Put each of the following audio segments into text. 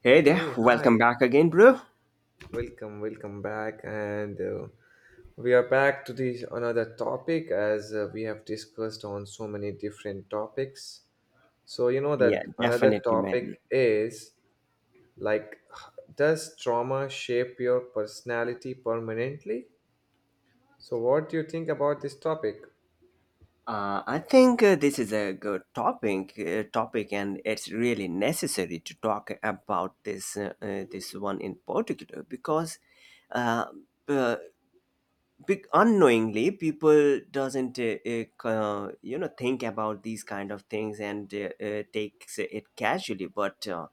Hey there, Hey, welcome hi. back again, bro. Welcome, welcome back. And We are back to this another topic as we have discussed on so many different topics. So, you know Yeah, that another definitely, man. topic is like, does trauma shape your personality permanently? So, what do you think about this topic? I think this is a good topic, and it's really necessary to talk about this one in particular because uh, uh, big unknowingly people doesn't think about these kind of things, and takes it casually, but uh,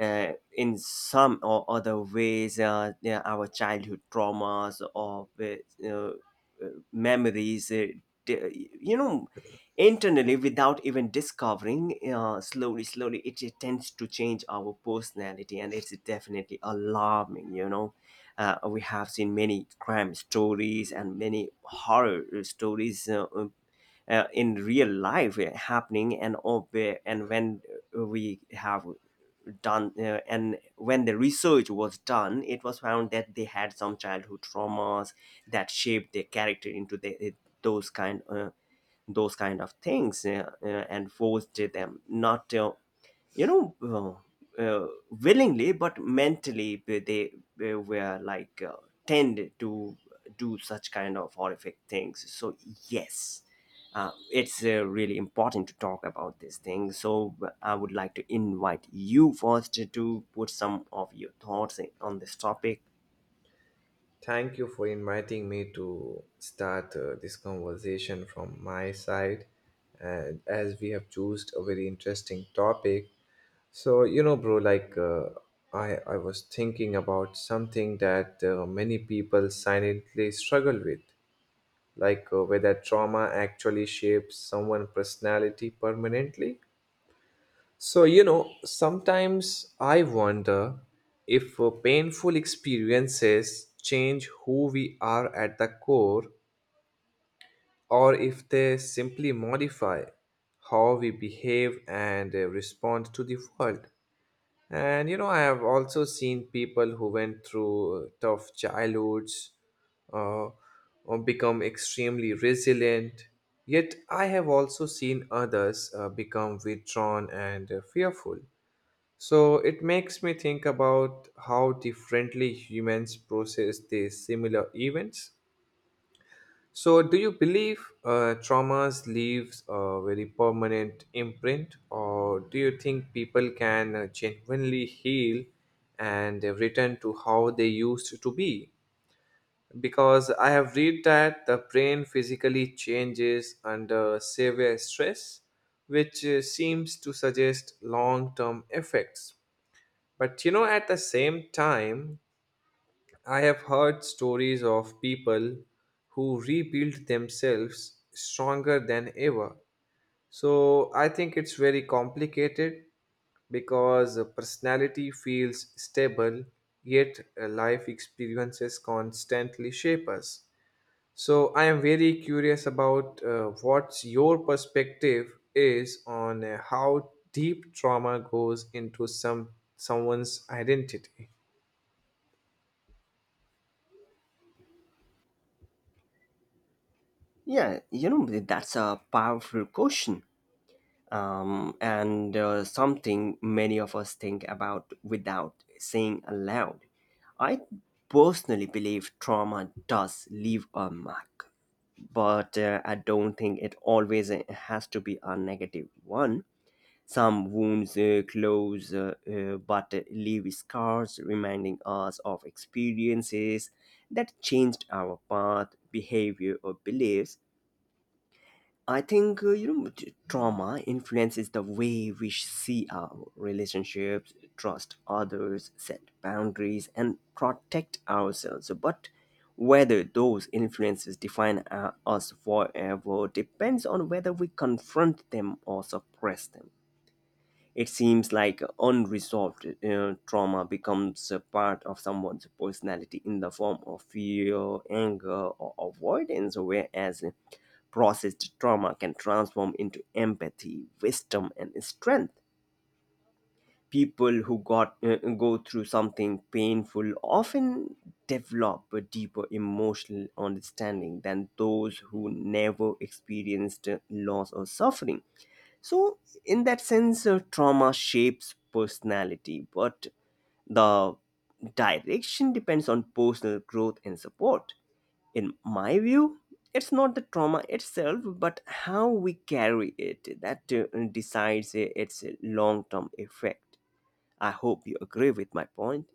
uh, in some or other ways, yeah, our childhood traumas or memories d- you know internally, without even discovering, slowly slowly it tends to change our personality, and it's definitely alarming. We have seen many crime stories and many horror stories, in real life, happening, uh, we have and when the research was done, it was found that they had some childhood traumas that shaped their character into the, those kind uh, those kind of things, and forced them not willingly, but mentally they were like, tend to do such kind of horrific things. So yes, it's really important to talk about this thing. So I would like to invite you first to put some of your thoughts on this topic. Thank you for inviting me to start this conversation from my side. And as we have chosen a very interesting topic. So, you know, bro, I was thinking about something that many people silently struggle with, like whether trauma actually shapes someone's personality permanently. So, you know, sometimes I wonder if painful experiences change who we are at the core, or if they simply modify how we behave and respond to the world. And you know, I have also seen people who went through tough childhoods uh, or become extremely resilient. Yet, I have also seen others become withdrawn and fearful. So, it makes me think about how differently humans process these similar events. So, do you believe traumas leaves a very permanent imprint, or do you think people can genuinely heal and return to how they used to be? Because I have read that the brain physically changes under severe stress, which seems to suggest long-term effects. But you know, at the same time, I have heard stories of people who rebuilt themselves stronger than ever. So I think it's very complicated because the personality feels stable, yet life experiences constantly shape us. So I am very curious about what's your perspective is on how deep trauma goes into someone's identity. Yeah, that's a powerful question, and something many of us think about without saying aloud. I personally believe trauma does leave a mark, but I don't think it always has to be a negative one. Some wounds close, but leave scars, reminding us of experiences that changed our path, behavior, or beliefs. I think trauma influences the way we see our relationships, trust others, set boundaries, and protect ourselves. So, but whether those influences define us forever depends on whether we confront them or suppress them. It seems like unresolved trauma becomes a part of someone's personality in the form of fear, anger, or avoidance, whereas processed trauma can transform into empathy, wisdom, and strength. People who got go through something painful often develop a deeper emotional understanding than those who never experienced loss or suffering. So, in that sense, trauma shapes personality, but the direction depends on personal growth and support. In my view, it's not the trauma itself, but how we carry it that decides its long term effect. I hope you agree with my point.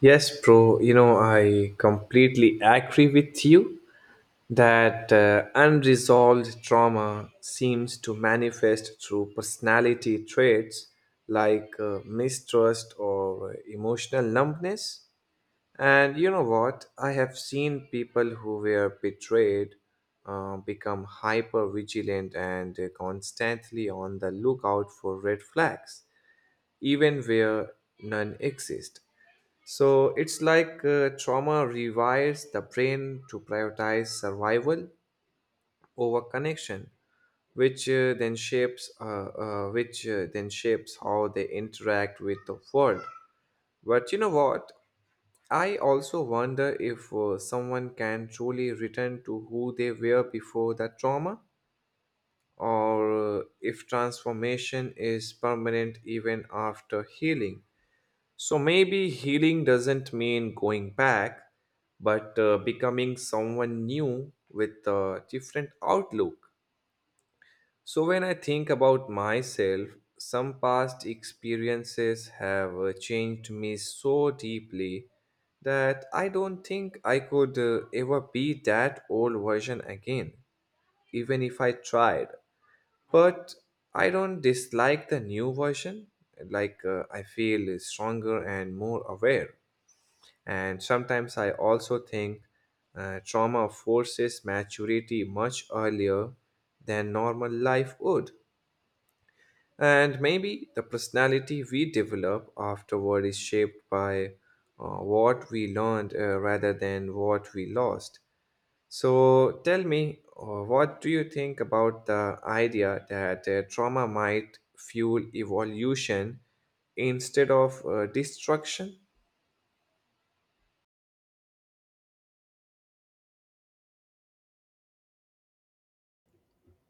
Yes, bro. You know, I completely agree with you that unresolved trauma seems to manifest through personality traits like mistrust or emotional numbness. And you know what? I have seen people who were betrayed become hyper vigilant and constantly on the lookout for red flags, even where none exist. So it's like trauma rewires the brain to prioritize survival over connection, which then shapes which then shapes how they interact with the world. But you know what? I also wonder if someone can truly return to who they were before the trauma, or if transformation is permanent even after healing. So maybe healing doesn't mean going back, but becoming someone new with a different outlook. So when I think about myself, some past experiences have changed me so deeply that I don't think I could ever be that old version again, even if I tried. But I don't dislike the new version. I feel stronger and more aware. And sometimes I also think trauma forces maturity much earlier than normal life would. And maybe the personality we develop afterward is shaped by what we learned rather than what we lost. So tell me, what do you think about the idea that trauma might fuel evolution instead of destruction?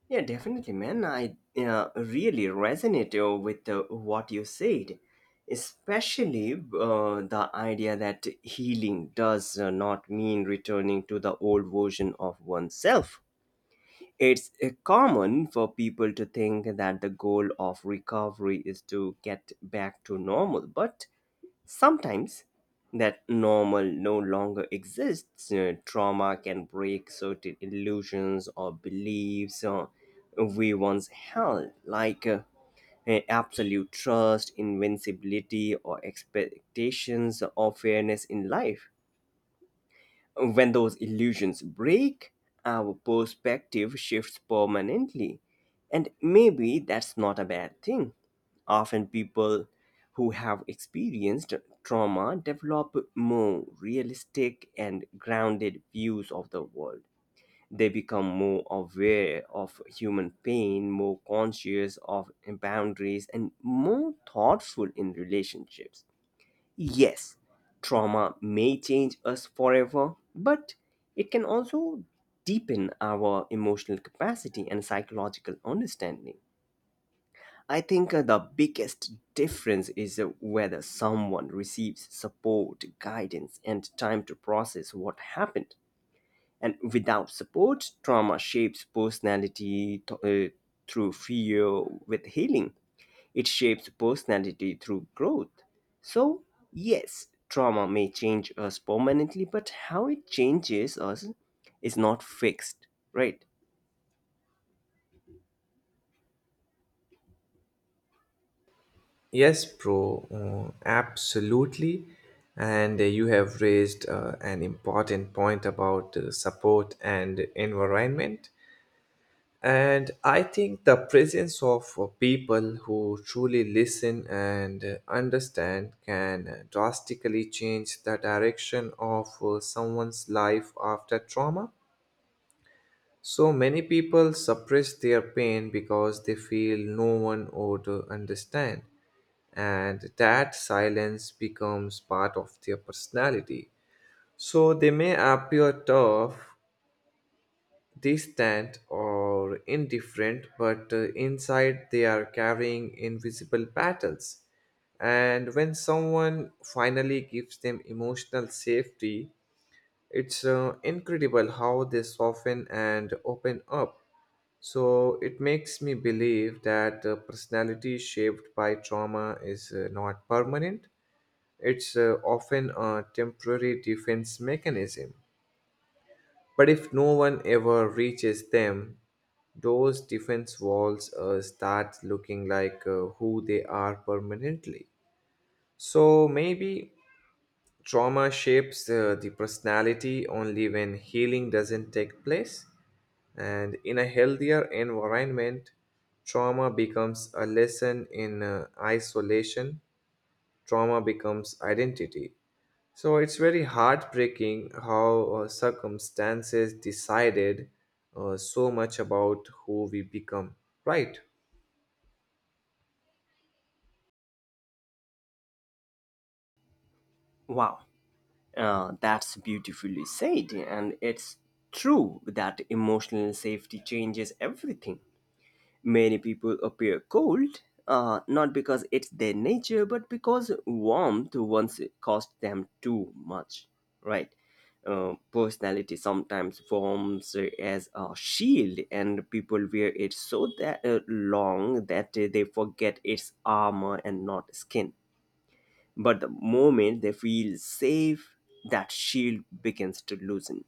Yeah, definitely, man. I really resonate with what you said, especially the idea that healing does not mean returning to the old version of oneself. It's common for people to think that the goal of recovery is to get back to normal, but sometimes that normal no longer exists. Trauma can break certain illusions or beliefs we once held, like absolute trust, invincibility, or expectations of fairness in life. When those illusions break, our perspective shifts permanently. And maybe that's not a bad thing. Often, people who have experienced trauma develop more realistic and grounded views of the world. They become more aware of human pain, more conscious of boundaries, and more thoughtful in relationships. Yes, trauma may change us forever, but it can also deepen our emotional capacity and psychological understanding. I think the biggest difference is whether someone receives support, guidance, and time to process what happened. And without support, trauma shapes personality through fear. With healing, it shapes personality through growth. So, yes, trauma may change us permanently, but how it changes us is not fixed, right? Yes, bro, absolutely. And You have raised an important point about support and environment. And I think the presence of people who truly listen and understand can drastically change the direction of someone's life after trauma. So many people suppress their pain because they feel no one would understand, and that silence becomes part of their personality. So they may appear tough, distant, or indifferent, but inside they are carrying invisible battles. And when someone finally gives them emotional safety, it's incredible how they soften and open up. So it makes me believe that personality shaped by trauma is not permanent, it's often a temporary defense mechanism. But if no one ever reaches them, those defense walls start looking like who they are permanently. So maybe trauma shapes the personality only when healing doesn't take place. And in a healthier environment, trauma becomes a lesson in isolation, trauma becomes identity. So it's very heartbreaking how circumstances decided so much about who we become, right? Wow, that's beautifully said, and it's true that emotional safety changes everything. Many people appear cold, not because it's their nature, but because warmth once cost them too much, right? Personality sometimes forms as a shield, and people wear it so that long that they forget it's armor and not skin. But the moment they feel safe, that shield begins to loosen,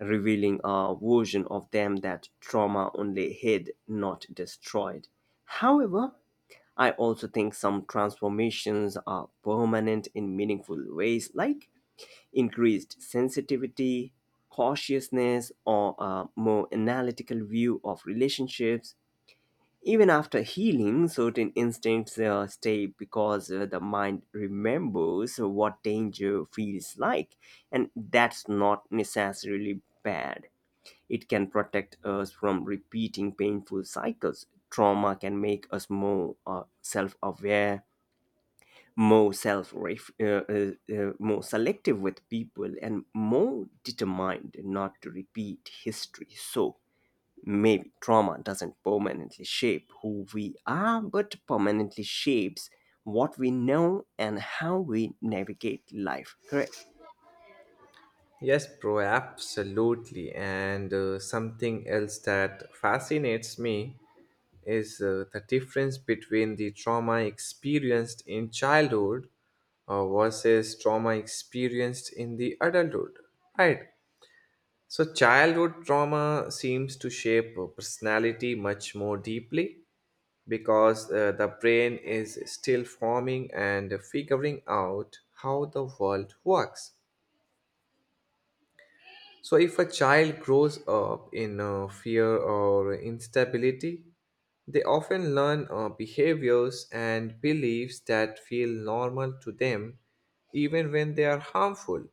revealing a version of them that trauma only hid, not destroyed. However, I also think some transformations are permanent in meaningful ways, like increased sensitivity, cautiousness, or a more analytical view of relationships. Even after healing, certain instincts stay, because the mind remembers what danger feels like, and that's not necessarily bad. It can protect us from repeating painful cycles. Trauma can make us more self aware, more selective with people, and more determined not to repeat history. So, maybe trauma doesn't permanently shape who we are, but permanently shapes what we know and how we navigate life. Correct? Yes, bro, absolutely. And Something else that fascinates me is the difference between the trauma experienced in childhood versus trauma experienced in the adulthood, right? So, childhood trauma seems to shape personality much more deeply because the brain is still forming and figuring out how the world works. So, if a child grows up in fear or instability, they often learn behaviors and beliefs that feel normal to them, even when they are harmful.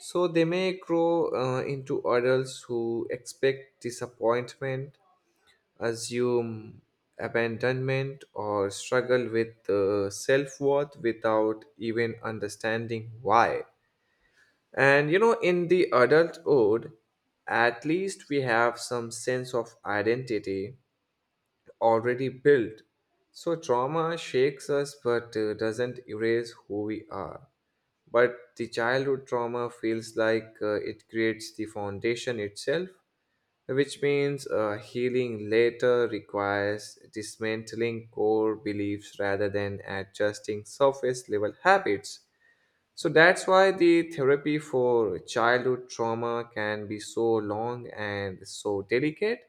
So, they may grow into adults who expect disappointment, assume abandonment, or struggle with self worth without even understanding why. And you know, in the adulthood, at least we have some sense of identity already built. So trauma shakes us but doesn't erase who we are. But the childhood trauma feels like it creates the foundation itself, which means healing later requires dismantling core beliefs rather than adjusting surface level habits. So that's why the therapy for childhood trauma can be so long and so delicate.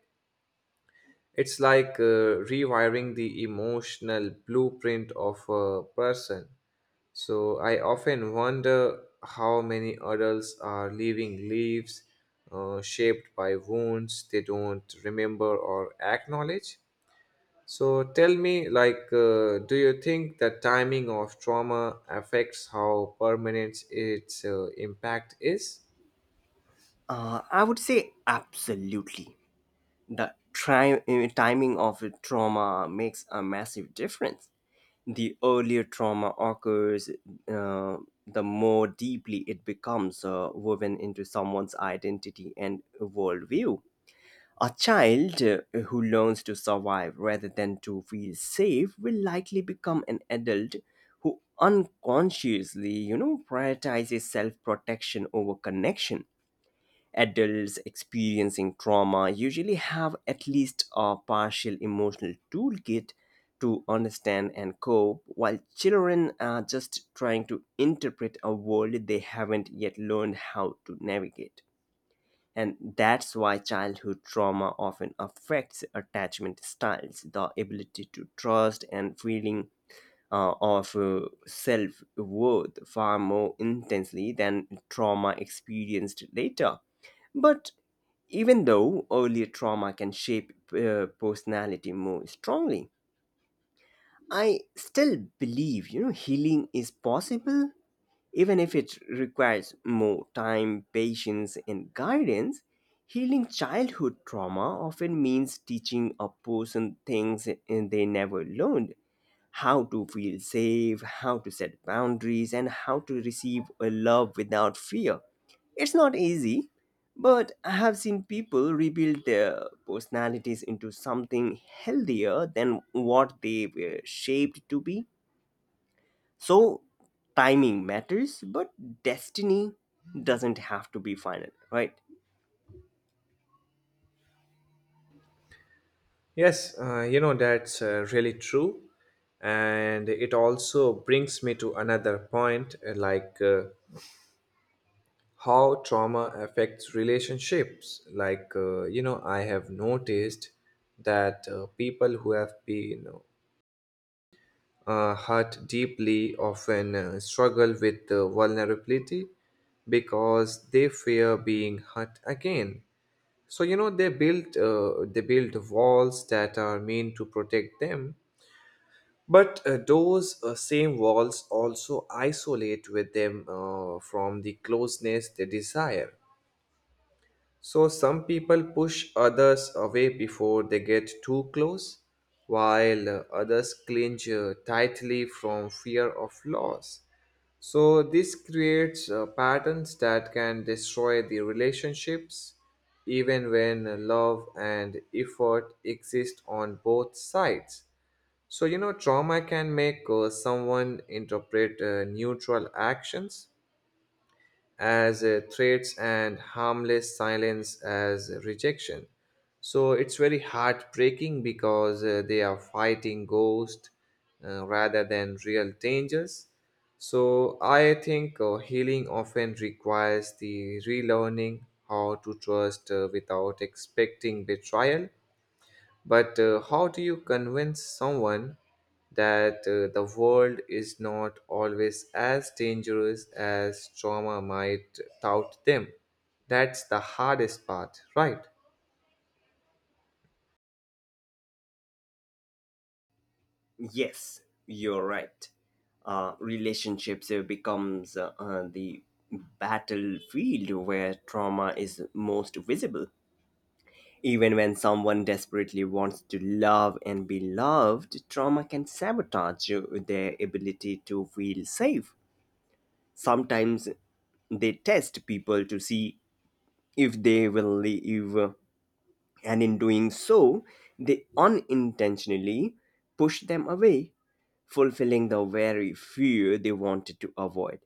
It's like rewiring the emotional blueprint of a person. So I often wonder how many adults are leaving leaves shaped by wounds they don't remember or acknowledge. So tell me, do you think the timing of trauma affects how permanent its impact is? I would say absolutely. The timing of a trauma makes a massive difference. The earlier trauma occurs, uh, the more deeply it becomes woven into someone's identity and worldview. A child who learns to survive rather than to feel safe will likely become an adult who unconsciously, prioritizes self protection over connection. Adults experiencing trauma usually have at least a partial emotional toolkit to understand and cope, while children are just trying to interpret a world they haven't yet learned how to navigate. And that's why childhood trauma often affects attachment styles, the ability to trust, and feeling of self worth far more intensely than trauma experienced later. But even though earlier trauma can shape personality more strongly, I still believe healing is possible, even if it requires more time, patience, and guidance. Healing childhood trauma often means teaching a person things they never learned: how to feel safe, how to set boundaries, and how to receive a love without fear. It's not easy, but I have seen people rebuild their personalities into something healthier than what they were shaped to be. So, timing matters, but destiny doesn't have to be final, right? Yes, you know, that's really true. And it also brings me to another point, how trauma affects relationships. You know, I have noticed that people who have been hurt deeply often struggle with vulnerability because they fear being hurt again. So, you know, they build walls that are meant to protect them. But those same walls also isolate with them from the closeness they desire. So some people push others away before they get too close, while others cling tightly from fear of loss. So this creates patterns that can destroy the relationships even when love and effort exist on both sides. So, you know, trauma can make someone interpret neutral actions as threats and harmless silence as rejection. So it's very heartbreaking because they are fighting ghosts rather than real dangers. So I think healing often requires the relearning how to trust without expecting betrayal, but how do you convince someone that the world is not always as dangerous as trauma might tout them? That's the hardest part, right? Yes, you're right. Relationships becomes, the battlefield where trauma is most visible. Even when someone desperately wants to love and be loved, trauma can sabotage their ability to feel safe. Sometimes they test people to see if they will leave, and in doing so, they unintentionally push them away, fulfilling the very fear they wanted to avoid.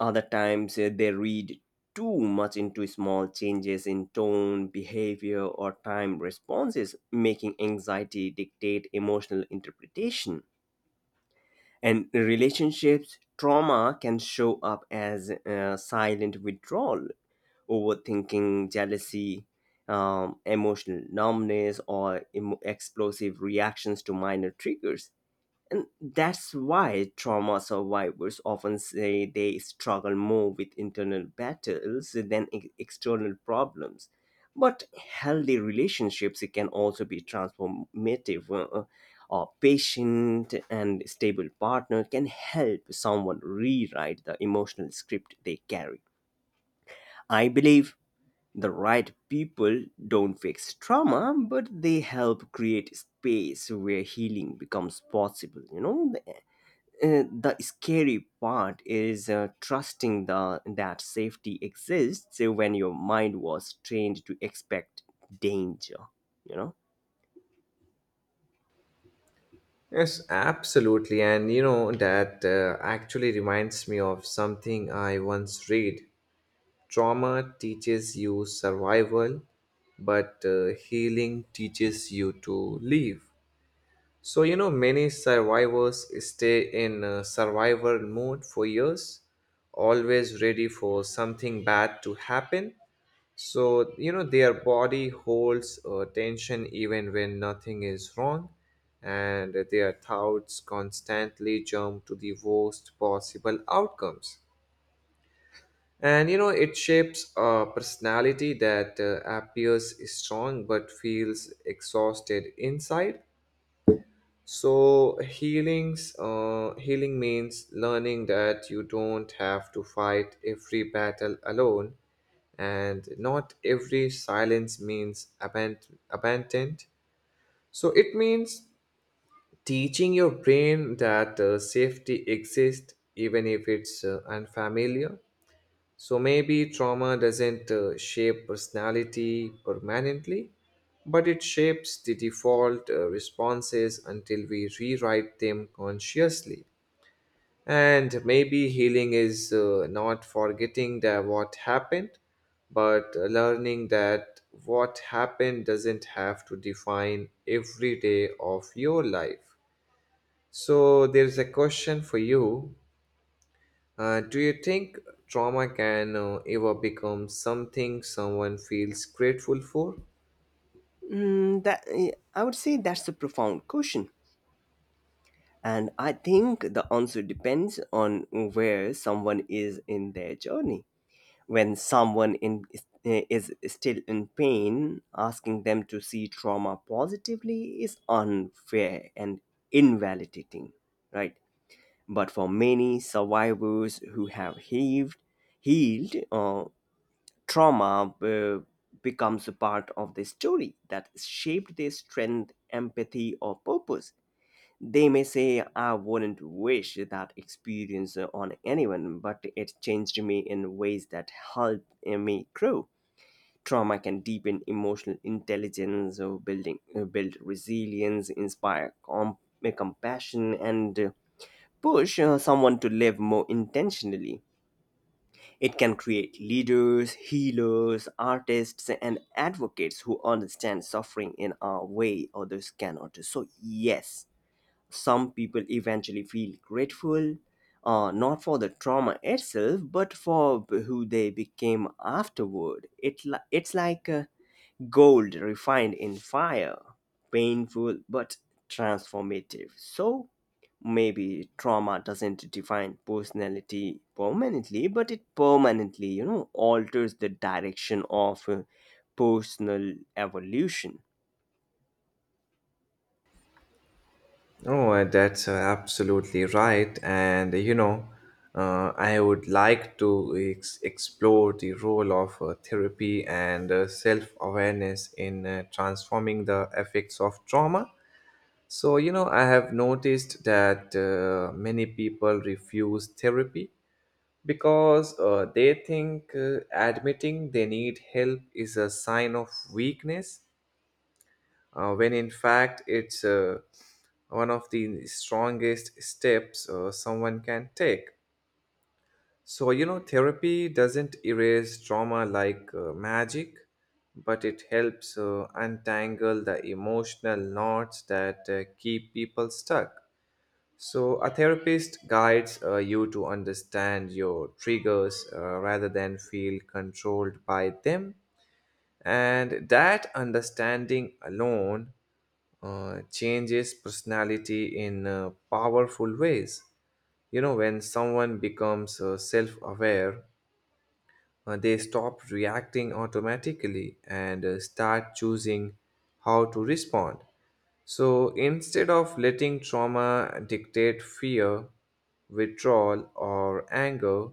Other times, they read too much into small changes in tone, behavior, or time responses, making anxiety dictate emotional interpretation. And relationships, trauma can show up as silent withdrawal, overthinking, jealousy, emotional numbness, or emo explosive reactions to minor triggers, and that's why trauma survivors often say they struggle more with internal battles than external problems. But healthy relationships can also be transformative. A patient and stable partner can help someone rewrite the emotional script they carry. I believe the right people don't fix trauma, but they help create space where healing becomes possible. You know, the scary part is trusting the that safety exists when your mind was trained to expect danger you know Yes, absolutely. And you know, that actually reminds me of something I once read. Trauma teaches you survival, but healing teaches you to live. So, you know, many survivors stay in survivor mode for years, always ready for something bad to happen. So, you know, their body holds tension even when nothing is wrong, and their thoughts constantly jump to the worst possible outcomes. And, you know, it shapes a personality that appears strong but feels exhausted inside. So healing means learning that you don't have to fight every battle alone, and not every silence means abandoned. So it means teaching your brain that safety exists even if it's unfamiliar. So maybe trauma doesn't shape personality permanently, but it shapes the default responses until we rewrite them consciously. And maybe healing is not forgetting that what happened, but learning that what happened doesn't have to define every day of your life. So, there's a question for you, do you think trauma can ever become something someone feels grateful for? Mm, I would say that's a profound question, and I think the answer depends on where someone is in their journey. When someone is still in pain, asking them to see trauma positively is unfair and invalidating, right? But for many survivors who have healed, trauma becomes a part of the story that shaped their strength, empathy, or purpose. They may say, "I wouldn't wish that experience on anyone, but it changed me in ways that helped me grow." Trauma can deepen emotional intelligence, build resilience, inspire compassion, and push someone to live more intentionally. It can create leaders, healers, artists, and advocates who understand suffering in a way others cannot. So, yes, some people eventually feel grateful, not for the trauma itself, but for who they became afterward. It's like gold refined in fire, painful but transformative. So maybe trauma doesn't define personality permanently, but it permanently, alters the direction of personal evolution. Oh, that's absolutely right. And you know, I would like to explore the role of therapy and self awareness in transforming the effects of trauma. So, you know, I have noticed that many people refuse therapy because they think admitting they need help is a sign of weakness when in fact it's one of the strongest steps someone can take. So you know therapy doesn't erase trauma like magic, but it helps untangle the emotional knots that keep people stuck. So, a therapist guides you to understand your triggers rather than feel controlled by them. And that understanding alone changes personality in powerful ways. You know, when someone becomes self aware, they stop reacting automatically and start choosing how to respond. So instead of letting trauma dictate fear, withdrawal, or anger,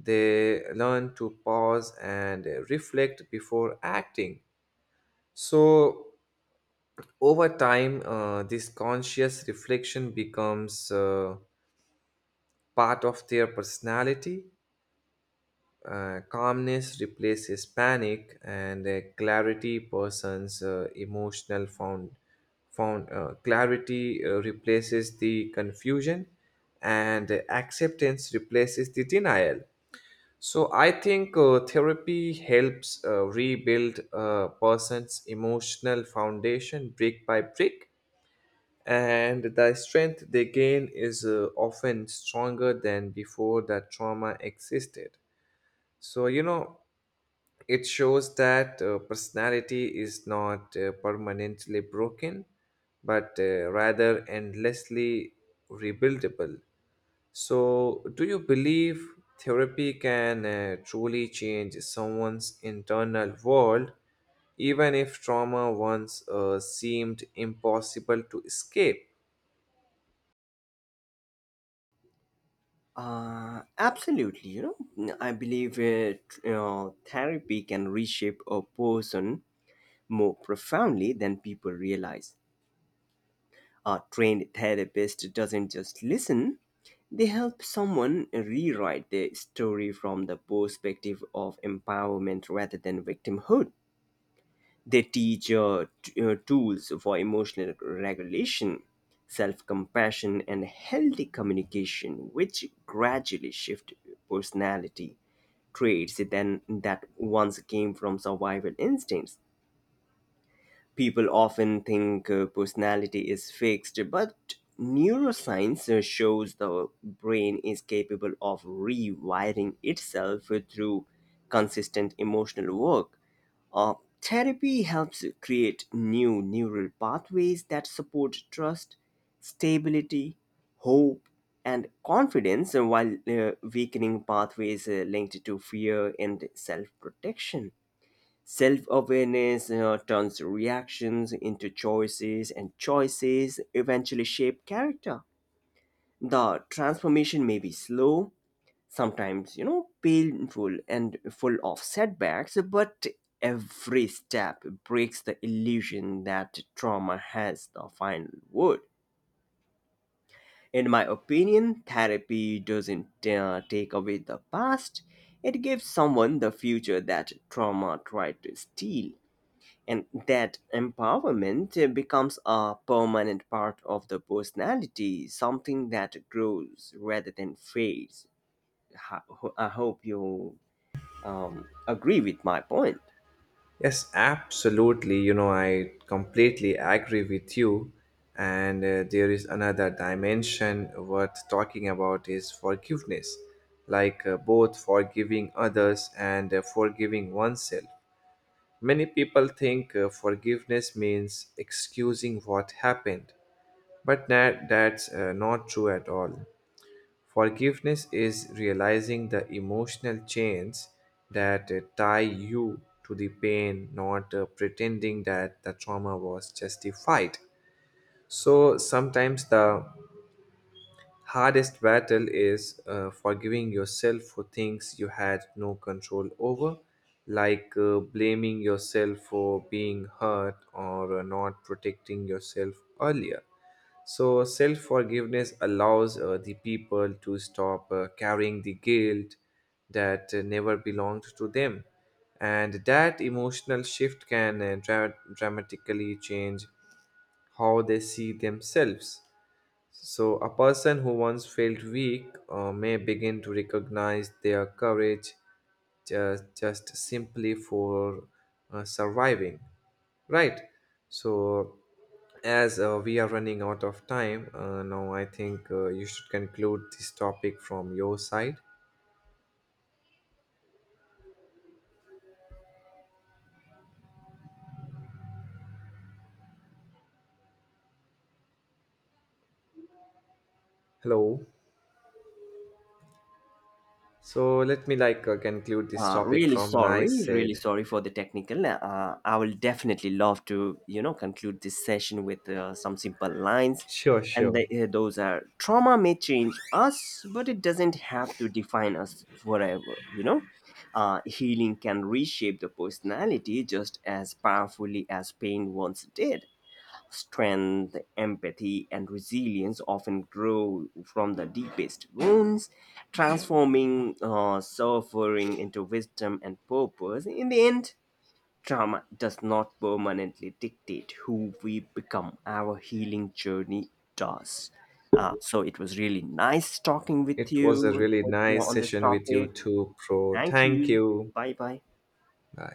they learn to pause and reflect before acting. So over time, this conscious reflection becomes part of their personality. Calmness replaces panic, and clarity person's emotional found found clarity replaces the confusion, and acceptance replaces the denial. So I think therapy helps rebuild a person's emotional foundation brick by brick, and the strength they gain is often stronger than before that trauma existed. So you know, it shows that personality is not permanently broken, but rather endlessly rebuildable. So, do you believe therapy can truly change someone's internal world, even if trauma once seemed impossible to escape? Absolutely. You know, I believe therapy can reshape a person more profoundly than people realize. A trained therapist doesn't just listen; they help someone rewrite their story from the perspective of empowerment rather than victimhood. They teach tools for emotional regulation, self compassion, and healthy communication, which gradually shift personality traits than that once came from survival instincts. People often think personality is fixed, but neuroscience shows the brain is capable of rewiring itself through consistent emotional work. Uh, therapy helps create new neural pathways that support trust, stability, hope, and confidence, while weakening pathways linked to fear and self protection. Self-awareness, turns reactions into choices, and choices eventually shape character. The transformation may be slow, sometimes painful and full of setbacks, but every step breaks the illusion that trauma has the final word. In my opinion, therapy doesn't take away the past; it gives someone the future that trauma tried to steal. And that empowerment becomes a permanent part of the personality, something that grows rather than fades. Ho- I hope you agree with my point. Yes, absolutely. You know, I completely agree with you. And There is another dimension worth talking about is forgiveness, like both forgiving others and forgiving oneself. Many people think forgiveness means excusing what happened, but that's not true at all. Forgiveness is realizing the emotional chains that tie you to the pain, not pretending that the trauma was justified. So sometimes the hardest battle is forgiving yourself for things you had no control over, like blaming yourself for being hurt or not protecting yourself earlier. So, self forgiveness allows the people to stop carrying the guilt that never belonged to them. And that emotional shift can dramatically change how they see themselves. So, a person who once felt weak may begin to recognize their courage just simply for surviving, right? So as we are running out of time now, I think you should conclude this topic from your side. Hello. So let me conclude this Uh, topic really from my sorry, really side. sorry for the technical. I will definitely love to conclude this session with some simple lines. Sure, And sure. Those are: trauma may change us, but it doesn't have to define us forever. Healing can reshape the personality just as powerfully as pain once did. Strength, empathy, and resilience often grow from the deepest wounds, transforming suffering into wisdom and purpose. In the end, trauma does not permanently dictate who we become; our healing journey does. So it was really nice talking with It was a you really nice on this session with you topic. too, pro. Thank Thank you. you. Bye bye. Bye.